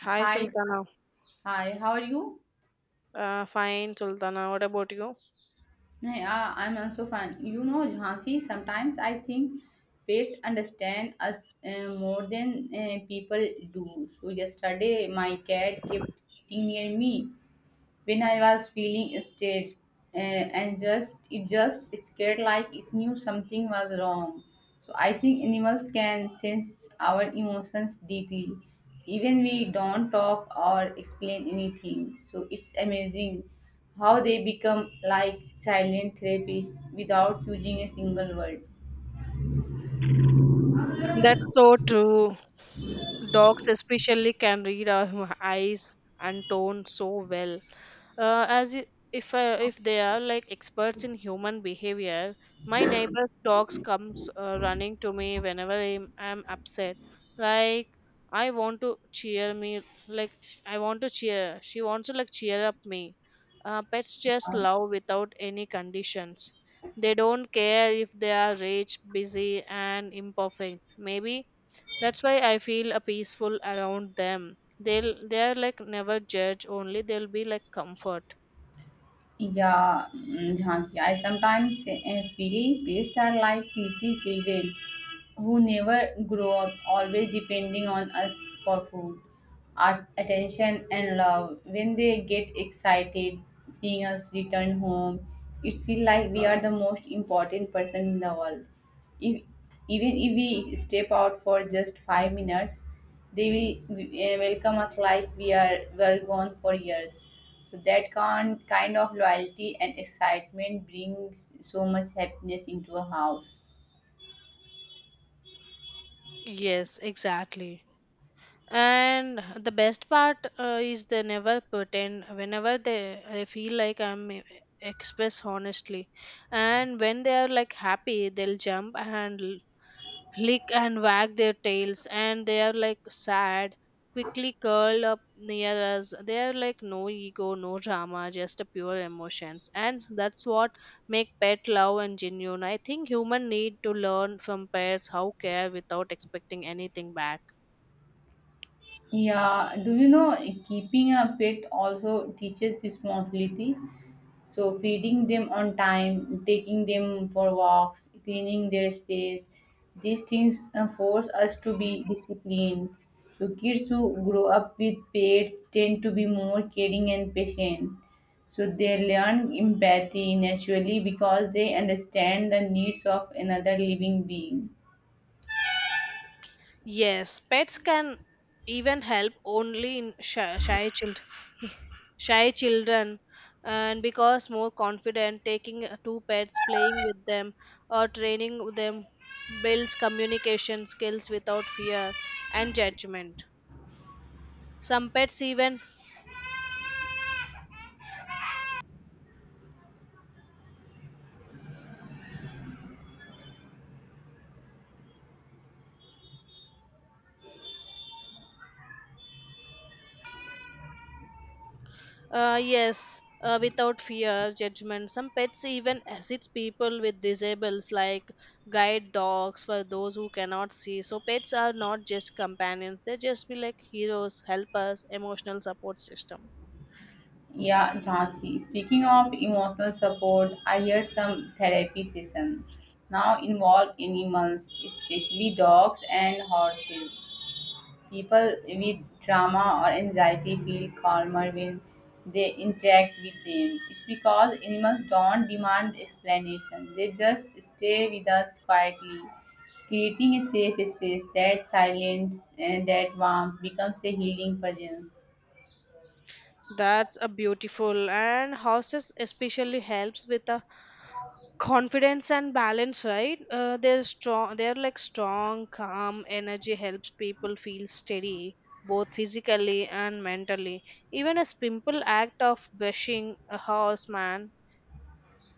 Hi, Hi, Sultana. hi, how are you? Fine, Sultana. What about you? Yeah, I'm also fine. You know, Jhansi, sometimes I think pets understand us more than people do. So, yesterday my cat kept sitting near me when I was feeling staged, and just it just scared like it knew something was wrong. So I think animals can sense our emotions deeply, even we don't talk or explain anything. So it's amazing how they become like silent therapists without using a single word. That's so true. Dogs, especially, can read our eyes and tone so well. As I- if they are like experts in human behavior. My neighbor's dogs comes running to me whenever I'm upset. Like, I want to cheer she wants to like cheer up me. Pets just Yeah. love without any conditions. They don't care if they are rich, busy, and imperfect. Maybe that's why I feel a peaceful around them. They are like never judge, only they'll be like comfort. Yeah, Jhansi, I sometimes feel pets are like teasy children who never grow up, always depending on us for food, attention, and love. When they get excited seeing us return home, it feels like we are the most important person in the world. If, Even if we step out for just 5 minutes, they will welcome us like we are were gone for years. So that kind of loyalty and excitement brings so much happiness into a house. Yes, exactly. And the best part is they never pretend. Whenever they, I feel like express honestly, and when they are like happy, they'll jump and lick and wag their tails, and they are like sad, quickly curl up near us. They are like no ego, no drama, just a pure emotions, and that's what make pet love and genuine. I think human need to learn from pets how care without expecting anything back. Yeah, do you know keeping a pet also teaches responsibility? So feeding them on time, taking them for walks, cleaning their space, these things force us to be disciplined. So kids who grow up with pets tend to be more caring and patient. So they learn empathy naturally because they understand the needs of another living being. Yes, pets can even help only in shy children, and because more confident taking two pets playing with them or training with them builds communication skills without fear and judgment. Some pets even. Yes, without fear, judgment. Some pets even assist people with disables, like guide dogs for those who cannot see. So pets are not just companions; they just be like heroes, helpers, emotional support system. Yeah, Jhansi. Speaking of emotional support, I heard some therapy session now involve animals, especially dogs and horses. People with trauma or anxiety feel calmer when they interact with them. It's because animals don't demand explanation; they just stay with us quietly, creating a safe space. That silence and that warmth becomes a healing presence. That's a beautiful. And houses especially helps with the confidence and balance, right? They're like strong calm energy helps people feel steady, both physically and mentally. Even a simple act of brushing a horse man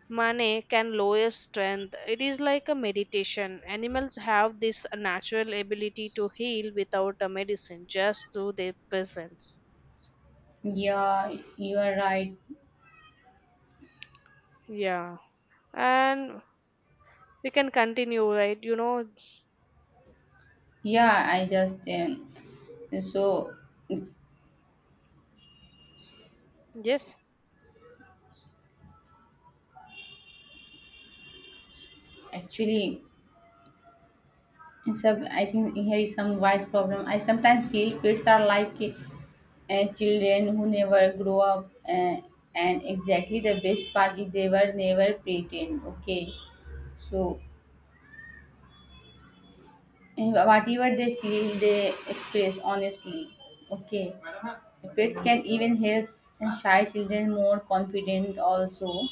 money can lower strength. It is like a meditation. Animals have this natural ability to heal without a medicine, just through their presence. Yeah, you are right. Yeah, and we can continue, right? Yeah, I just so Yes. actually, sub I think here is some wise problem. I sometimes feel kids are like children who never grow up, and exactly the best part is they were never pretend. Okay, so whatever they feel, they express honestly. Okay, pets can even help shy children more confident also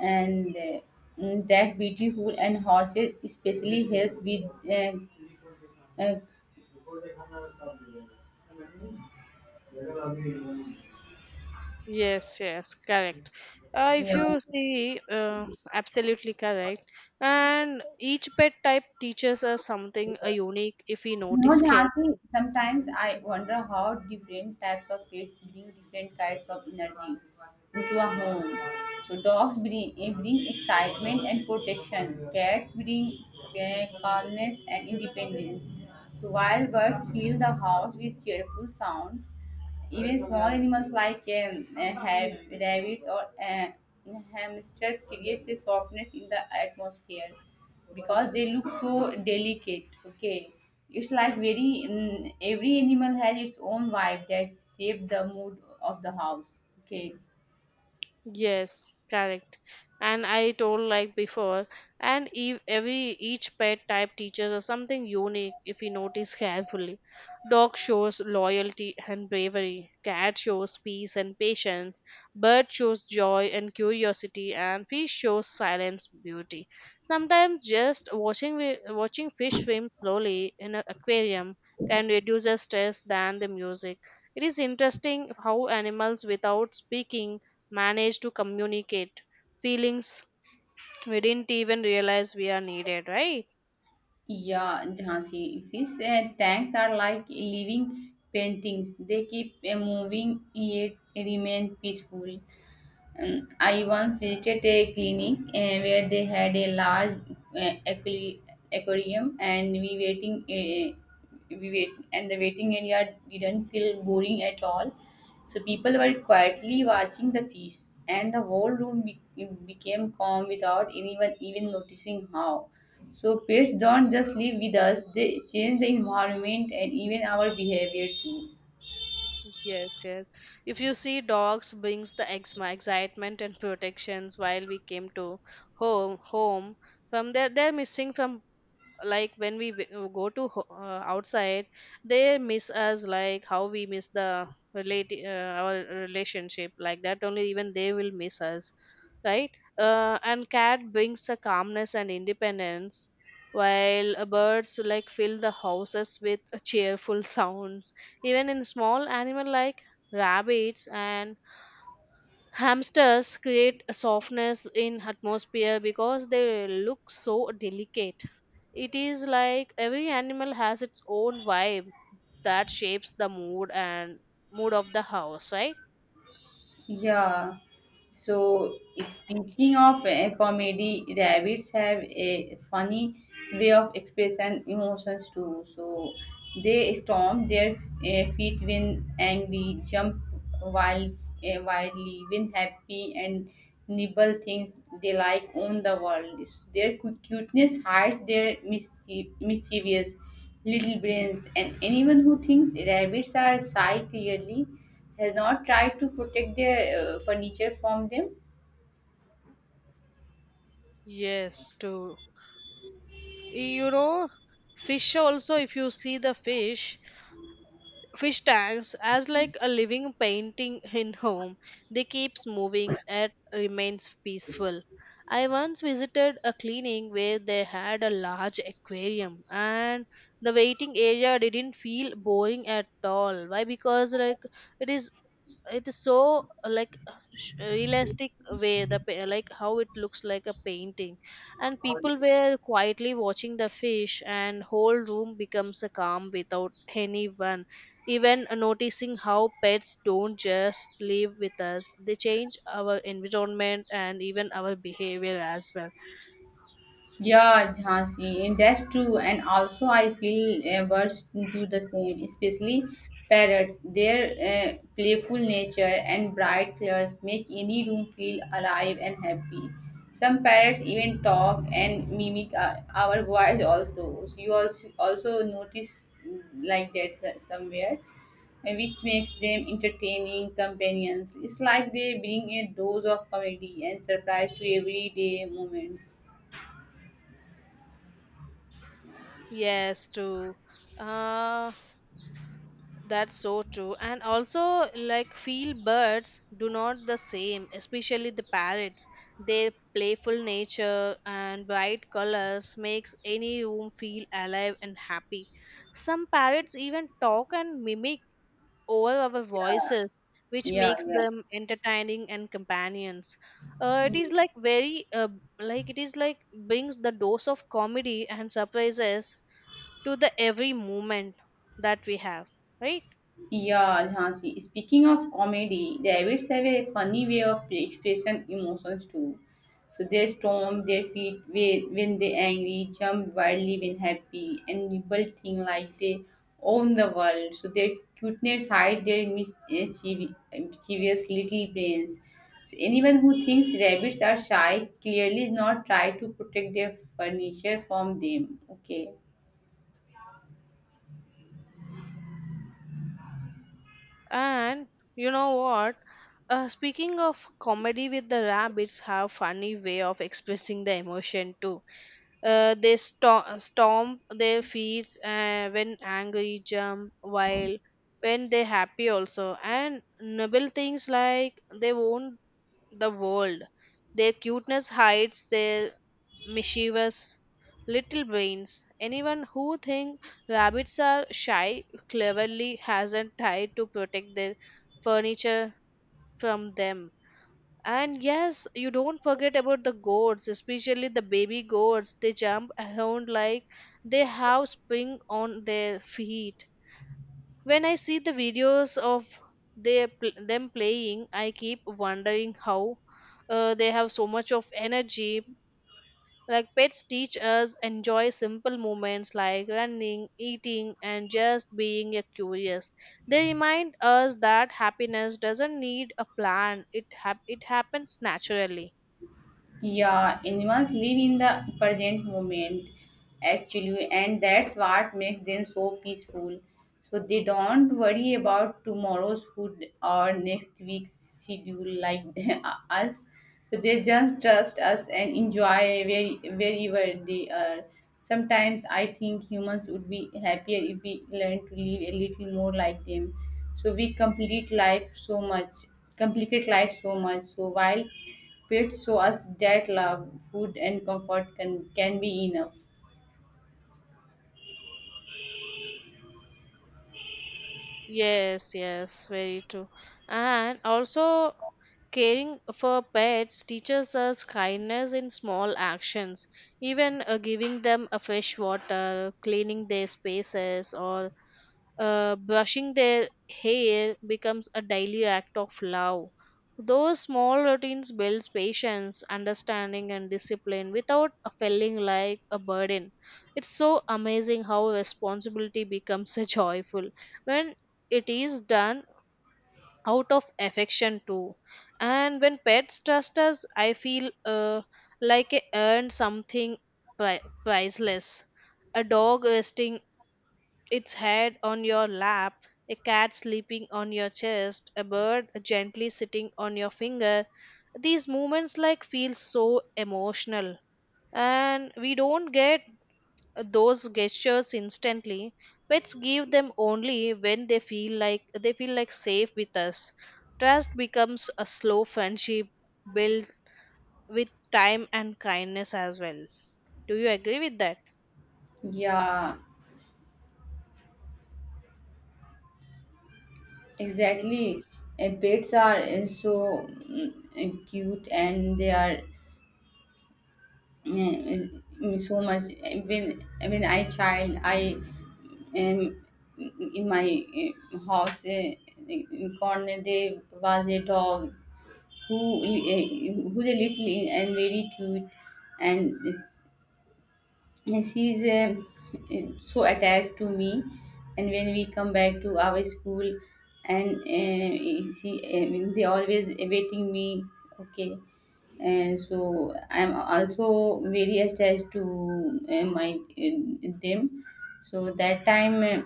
and that's beautiful and horses especially help with uh, uh, Yes, yes, correct. If yeah. you see, absolutely correct. And each pet type teaches us something unique if we You know, notice Jhansi, carefully. sometimes I wonder how different types of pets bring different kinds of energy into a home. So dogs bring, bring excitement and protection, cats bring calmness and independence, so while birds fill the house with cheerful sounds. Even small animals like rabbits or hamsters creates a softness in the atmosphere because they look so delicate. Okay, it's like very every animal has its own vibe that shapes the mood of the house. Okay, Yes, correct. And I told like before, and ev- every each pet type teaches us something unique if we notice carefully. Dog shows loyalty and bravery. Cat shows peace and patience. Bird shows joy and curiosity, and fish shows silence, beauty. Sometimes just watching watching fish swim slowly in an aquarium can reduce the stress than the music. It is interesting how animals without speaking manage to communicate feelings we didn't even realize we are needed, right? yeah, Jhansi. Fish tanks are like living paintings. They keep moving yet remain peaceful. I once visited a clinic where they had a large, uh, aqua- aquarium, and we wait, and the waiting area didn't feel boring at all. So people were quietly watching the fish, and the whole became calm without anyone even noticing how. So pets don't just live with us; they change the environment and even our behavior too. Yes, yes. If you see, dogs brings the exma excitement and protections while we came to home from there. They're missing from, like when we outside. They miss us like how we miss the relate our relationship, like that only, even they will miss us, right? And cat brings a calmness and independence, while birds like fill the houses with cheerful sounds. Even in small animal like rabbits and Hamsters create a softness in atmosphere because they look so delicate. It is like every animal has its own vibe that shapes the mood of the house, right? Yeah. So speaking of comedy, rabbits have a funny way of expressing emotions too. So they stomp their feet when angry, jump wild, wildly when happy, and nibble things they like on the world. Their cuteness hides their mischievous little brains, and anyone who thinks rabbits are shy clearly has not tried to protect their furniture from them. Yes, too. You know, fish also, if you see fish tanks as like a living painting in home. They keeps moving and remains peaceful. I once visited a clinic where they had a large aquarium, and the waiting area didn't feel boring at all. Why? Because, like, it is it is so, like, realistic way. Like how it looks like a painting. And people were quietly watching the fish, and whole room becomes a calm without anyone even noticing how. Pets don't just live with us; they change our environment and even our behavior as well. Yeah, Jhansi, and that's true. And also, I feel birds do the same, especially parrots. Their playful nature and bright colors make any room feel alive and happy. Some parrots even talk and mimic our voice also. So you also notice, like that, somewhere, which makes them entertaining companions. It's like they bring a dose of comedy and surprise to everyday moments. Yes, true. uh that's so true. And also, like, field birds do not the same, especially the parrots. Their playful nature and bright colors makes any room feel alive and happy. Some parrots even talk and mimic over our voices, which Yeah, makes yeah. them entertaining and companions. It Hmm. is like very like it is like brings the dose of comedy and surprises to the every moment that we have, right? Yeah, Jhansi. Speaking of comedy, the Avids have a funny way of expressing emotions too. So they stomp their feet when they're angry, jump wildly when happy, and nibble thing like they own the world. So their cuteness hide their mischievous little brains. So anyone who thinks rabbits are shy clearly is not trying to protect their furniture from them. Okay. And you know what? Speaking of comedy with the rabbits, have funny way of expressing the emotion too. They stomp their feet when angry, jump while when they happy also, and nibble things like they own the world. Their cuteness hides their mischievous little brains. Anyone who think rabbits are shy cleverly has a tie to protect their furniture from them. And yes, you don't forget about the goats, especially the baby goats. They jump around like they have spring on their feet. When I see the videos of them playing, I keep wondering how they have so much of energy. Like, pets teach us enjoy simple moments like running, eating, and just being a curious. They remind us that happiness doesn't need a plan. It happens naturally. Yeah, animals live in the present moment actually, and that's what makes them so peaceful. So they don't worry about tomorrow's food or next week's schedule like us. So they just trust us and enjoy where, wherever they are. Sometimes I think humans would be happier if we learn to live a little more like them. So we complete life so much, complicate life so much. So while pets show us that love, food, and comfort can be enough. Yes, yes, very true. And also, caring for pets teaches us kindness in small actions, even giving them a fresh water, cleaning their spaces, or brushing their hair becomes a daily act of love. Those small routines builds patience, understanding, and discipline without a feeling like a burden. It's so amazing how responsibility becomes a joyful when it is done out of affection too. And when pets trust us, I feel like I earned something pri- priceless. A dog resting its head on your lap, a cat sleeping on your chest, a bird gently sitting on your finger. These movements like feel so emotional, and we don't get those gestures instantly. Pets give them only when they feel like safe with us. Trust becomes a slow friendship built with time and kindness as well. Do you agree with that? Yeah, Yes. exactly. Pets are so cute and they are so much. When when I child, I um, in my house, in corner there was a dog who who's a little and very cute, and yes, he is so attached to me, and when we come back to our school, and they always awaiting me. Okay, and so I'm also very attached to my them. So that time,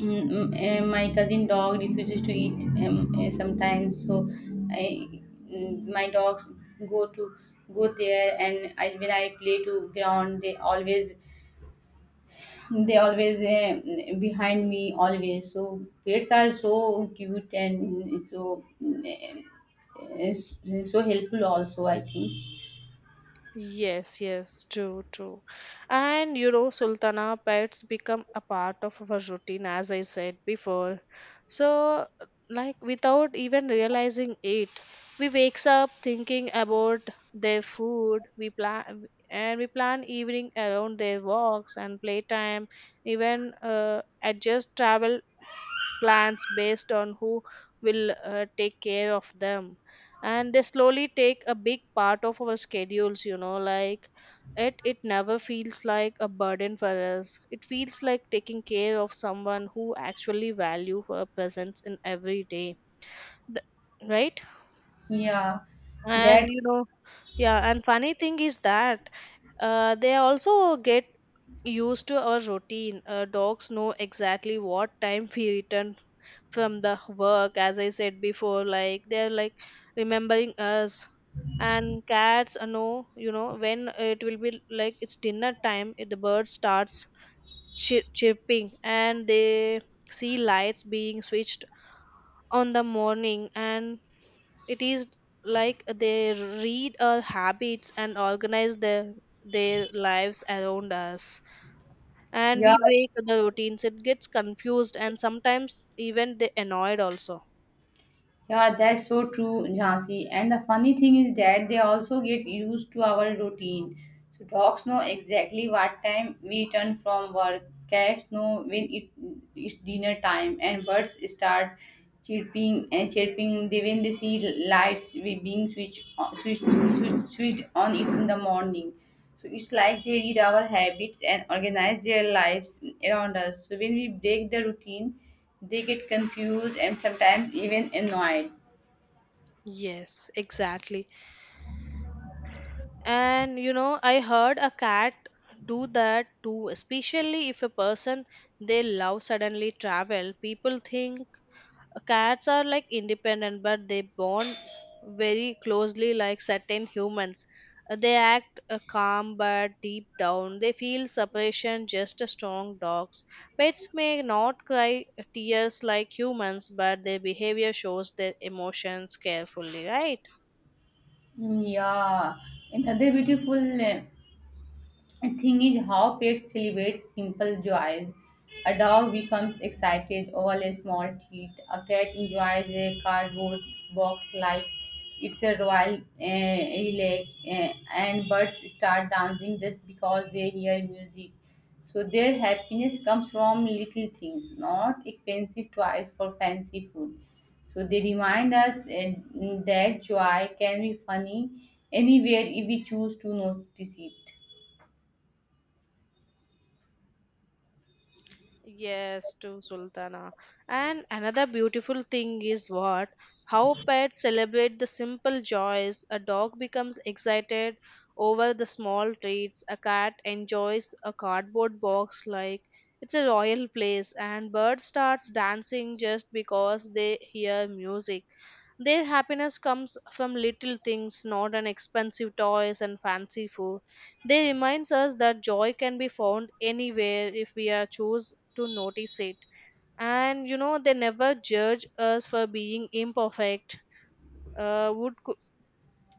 mm, my cousin dog refuses to eat sometimes. So I, my dogs go to go there, and I, when I play to ground, they always behind me always. So pets are so cute and so uh, so helpful also, I think. Yes, yes, true, true. And you know, Sultana, pets become a part of our routine, as I said before. So, like, without even realizing it, we wakes up thinking about their food. We plan evening around their walks and playtime. Even adjust travel plans based on who will take care of them, and they slowly take a big part of our schedules. Like, it never feels like a burden for us. It feels like taking care of someone who actually value our presence in every day, right? Yeah, that. And you know, yeah, and funny thing is that they also get used to our routine. Dogs know exactly what time we return from the work, as I said before, like they're like remembering us. And cats know, when it will be like it's dinner time. The bird starts chirping, and they see lights being switched on the morning. And it is like they read our habits and organize their lives around us. And Yeah, we break the routines, it gets confused, and sometimes even they annoyed also. yeah, that's so true, Jhansi. And the funny thing is that they also get used to our routine. So dogs know exactly what time we return from work. Cats know when it's dinner time, and birds start chirping and chirping they when they see lights we being switched on, switched, switched switched on it in the morning. So it's like they read our habits and organize their lives around us. So when we break the routine, they get confused and sometimes even annoyed. Yes, exactly. And you know, I heard a cat do that too, especially if a person they love suddenly travel. People think cats are like independent, but they bond very closely like certain humans. They act calm, but deep down they feel separation just as strong dogs. Pets may not cry tears like humans, but their behavior shows their emotions carefully, right? Yeah, another beautiful The thing is how pets celebrate simple joys. A dog becomes excited over a small treat. A cat enjoys a cardboard box like it's a royal relay, and birds start dancing just because they hear music. So their happiness comes from little things, not expensive toys for fancy food. So they remind us that joy can be funny anywhere if we choose to notice it. Yes, to Sultana. And another beautiful thing is what? How pets celebrate the simple joys. A dog becomes excited over the small treats. A cat enjoys a cardboard box like it's a royal place. And bird starts dancing just because they hear music. Their happiness comes from little things, not an expensive toys and fancy food. They reminds us that joy can be found anywhere if we are choose to notice it. And you know, they never judge us for being imperfect. Uh, would cou-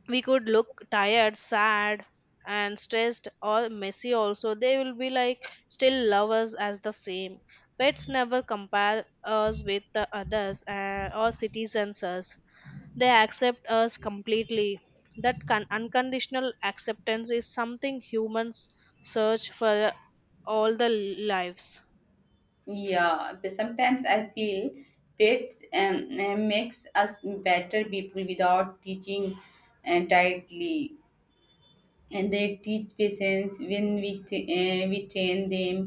we could look tired, sad, and stressed or messy also. They will be like still love us as the same. Pets never compare us with the others or citizens us. They accept us completely. That unconditional acceptance is something humans search for all the lives. Yeah, but sometimes I feel pets makes us better people without teaching entirely, and they teach patience when we train them,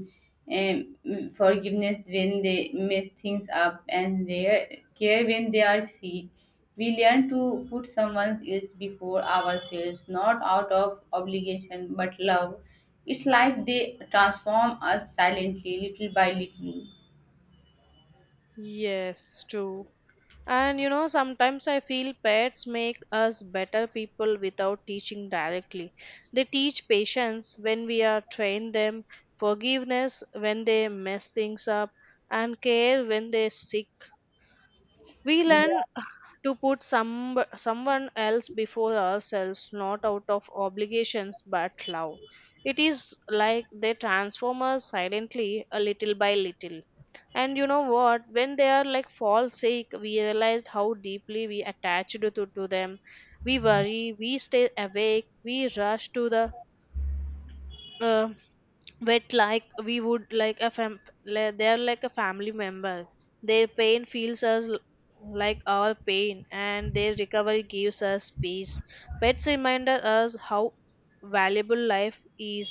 forgiveness when they mess things up, and their care when they are sick. We learn to put someone else before ourselves, not out of obligation but love. It's like they transform us silently, little by little. Yes, true. And you know, sometimes I feel pets make us better people without teaching directly. They teach patience when we are trained them, forgiveness when they mess things up, and care when they sick. We learn Yeah. to put someone else before ourselves, not out of obligations but love. It is like they transform us silently, a little by little. And you know what? When they are like fall sick, we realized how deeply we attached to them. We worry, we stay awake, we rush to the uh, but like we would like a like they are like a family member, their pain feels us like our pain, and their recovery gives us peace. Pets remind us how valuable life is,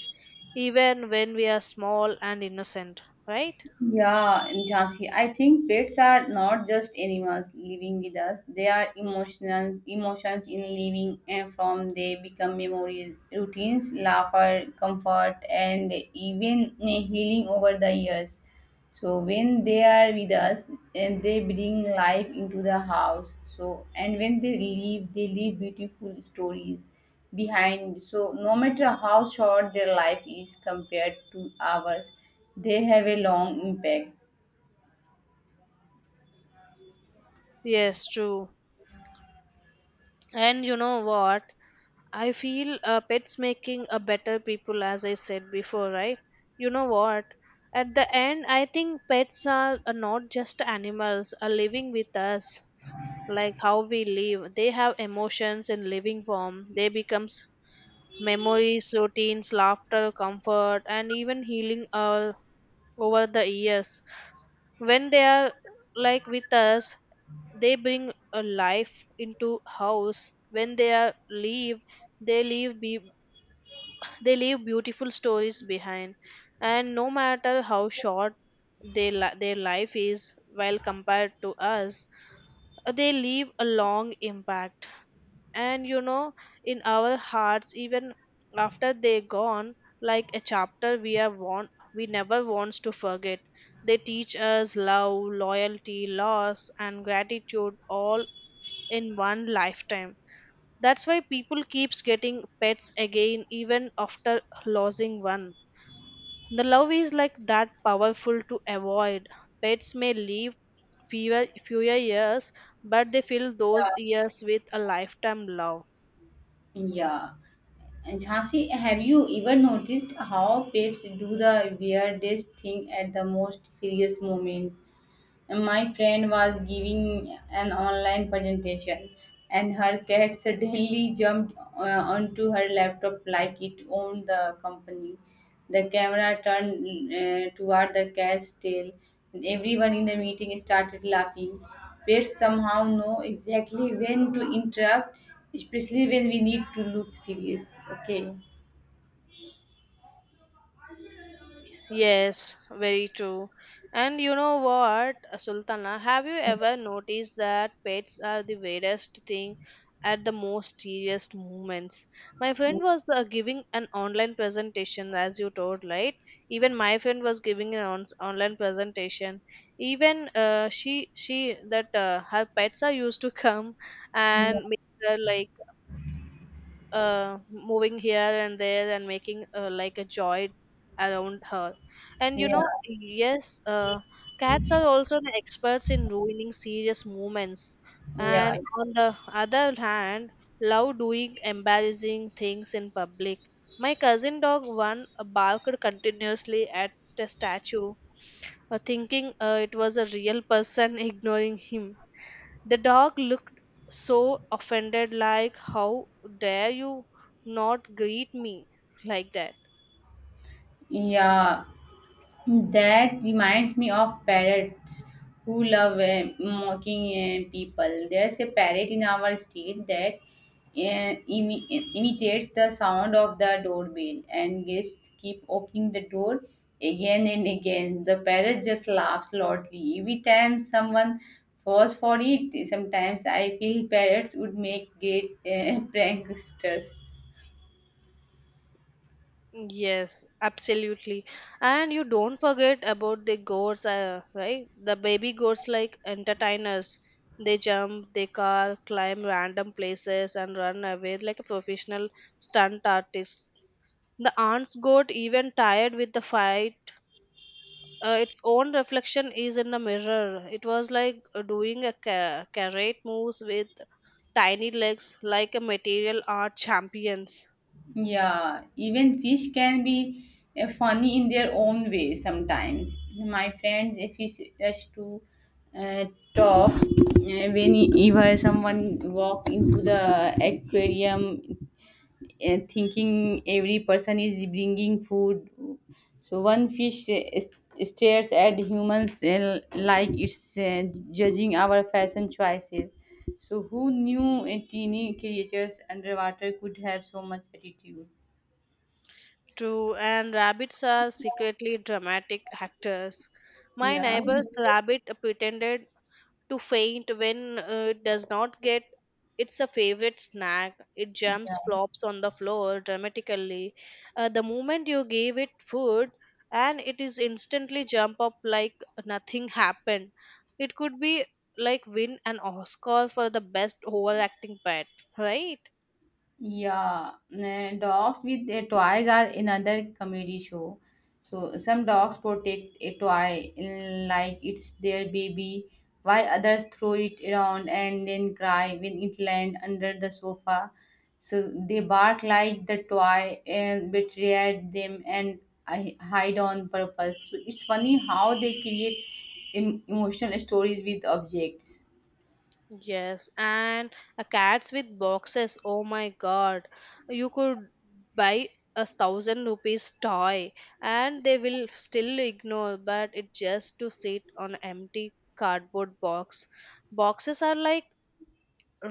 even when we are small and innocent, right? Yeah, Jhansi, I think pets are not just animals living with us. They are emotions in living and from they become memories, routines, laughter, comfort, and even healing over the years. So when they are with us and they bring life into the house. So and when they leave, they leave beautiful stories behind. So no matter how short their life is compared to ours, they have a long impact. Yes, true. And you know what? I feel pets making a better people, as I said before, right? You know what? At the end, I think pets are not just animals, are living with us, like how we live. They have emotions in living form. They becomes memories, routines, laughter, comfort, and even healing, over the years. When they are like with us, they bring a life into house. When they are leave, they leave beautiful stories behind, and no matter how short their, their life is, while compared to us, they leave a long impact. And you know, in our hearts, even after they're gone, like a chapter we never wants to forget. They teach us love, loyalty, loss, and gratitude all in one lifetime. That's why people keeps getting pets again even after losing one. The love is like that powerful to avoid. Pets may live fewer years, but they fill those Yeah, years with a lifetime love. yeah, and Jhansi, have you ever noticed how pets do the weirdest thing at the most serious moments? My friend was giving an online presentation, and her cat suddenly jumped onto her laptop like it owned the company. The camera turned toward the cat's tail, and everyone in the meeting started laughing. Pets somehow know exactly when to interrupt, especially when we need to look serious. Okay. Yes, very true. And you know what, Sultana, have you ever noticed that pets are the weirdest thing at the most serious moments? My friend was giving an online presentation, as you told, right? Even my friend was giving an online presentation. Even she that her pets are used to come Yeah. and make her like moving here and there and making, like a joy around her. And you Yeah. know, yes, cats are also the experts in ruining serious moments. Yeah. And on the other hand, love doing embarrassing things in public. My cousin dog one barked continuously at the statue, thinking it was a real person ignoring him. The dog looked so offended, like, "How dare you not greet me like that?" Yeah, that reminds me of parrots who love mocking people. There's a parrot in our state that imitates the sound of the doorbell, and guests keep opening the door again and again. The parrot just laughs loudly every time someone falls for it. Sometimes I feel parrots would make great pranksters. Yes, absolutely. And you don't forget about the goats, right? The baby goats, like entertainers, they jump, they climb random places, and run away like a professional stunt artist. The aunt's goat even tired with the fight its own reflection is in the mirror. It was like doing a carrot moves with tiny legs, like a material art champions. Yeah, even fish can be funny in their own way sometimes. My friends, if he rush to uh, talk, whenever someone walk into the aquarium, thinking every person is bringing food, so one fish stares at humans like it's judging our fashion choices. So who knew teeny creatures underwater could have so much attitude? True, and rabbits are secretly dramatic actors. My Yeah, neighbor's rabbit pretended to faint when it does not get it's a favorite snack. It yeah, jumps, flops on the floor dramatically. The moment you gave it food, and it is instantly jump up like nothing happened. It could be like win an Oscar for the best overacting pet, right? yeah. Nah, dogs with their toys are another comedy show. So some dogs protect a toy like it's their baby, while others throw it around and then cry when it lands under the sofa. So they bark like the toy and betray them and I hide on purpose. So it's funny how they create emotional stories with objects. Yes, and a cats with boxes. Oh my god. You could buy a thousand rupees toy and they will still ignore, but it just to sit on empty cardboard box. Boxes are like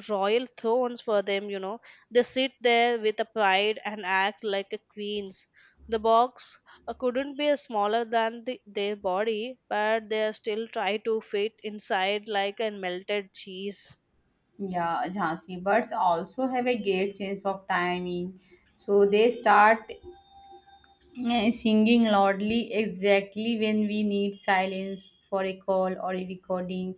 royal thrones for them, you know. They sit there with a pride and act like a queens. The box couldn't be smaller than their body, but they still try to fit inside like a melted cheese. Yeah, Jhansi, birds also have a great sense of timing. So they start singing loudly exactly when we need silence for a call or a recording.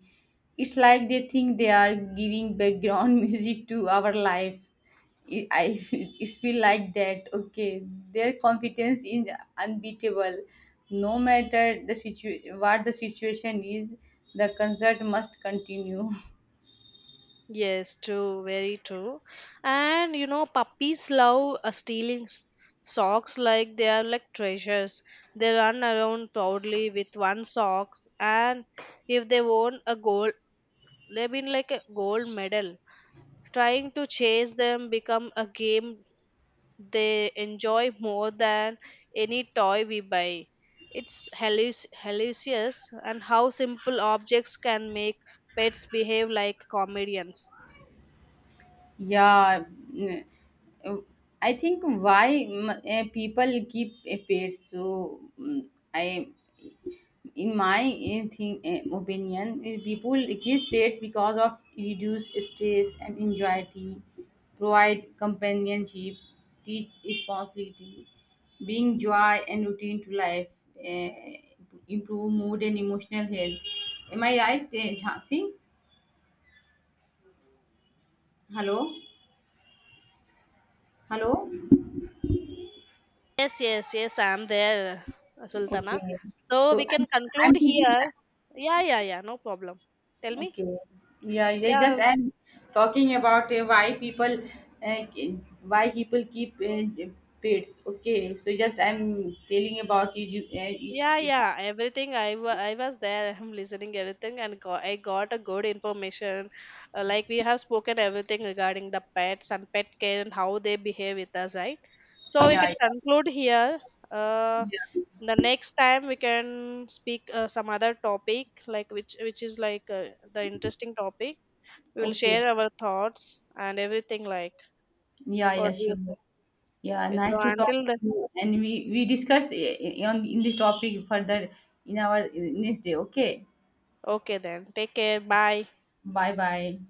It's like they think they are giving background music to our life. It feel like that. Okay, their confidence is unbeatable. No matter the what the situation is, the concert must continue. Yes, true, very true. And you know, puppies love stealing socks like they are like treasures. They run around proudly with one socks, and if they won a gold, they have been like a gold medal. Trying to chase them become a game they enjoy more than any toy we buy. It's hilarious and how simple objects can make pets behave like comedians. Yeah, mm, uh, I think why people keep pets. So I, in my thing opinion, people keep pets because of reduce stress and anxiety, provide companionship, teach responsibility, bring joy and routine to life, uh, improve mood and emotional health. Am I right, Jhansi? Hello, hello. Yes, yes, yes, I'm there, Sultana. Okay. So So we I'm can I'm conclude thinking here. that. Yeah, yeah, yeah, no problem. Tell me. Okay. Yeah, yeah, Yeah, just and talking about uh, why people keep pets. Okay. So just I'm telling about it. You, yeah, it, it, yeah. Everything I was there. I'm listening everything, and I got a good information. Like we have spoken everything regarding the pets and pet care and how they behave with us, right? yeah, So we can yeah, conclude here. Uh, yeah. the next time we can speak some other topic, like which is like, the interesting topic. We will Okay. share our thoughts and everything, like, Yeah, yeah, what do you sure. say? Yeah, Okay, nice so to talk until to then, you. And we discuss on in this topic further in our next day. Okay. okay then. Take care. Bye. Bye bye.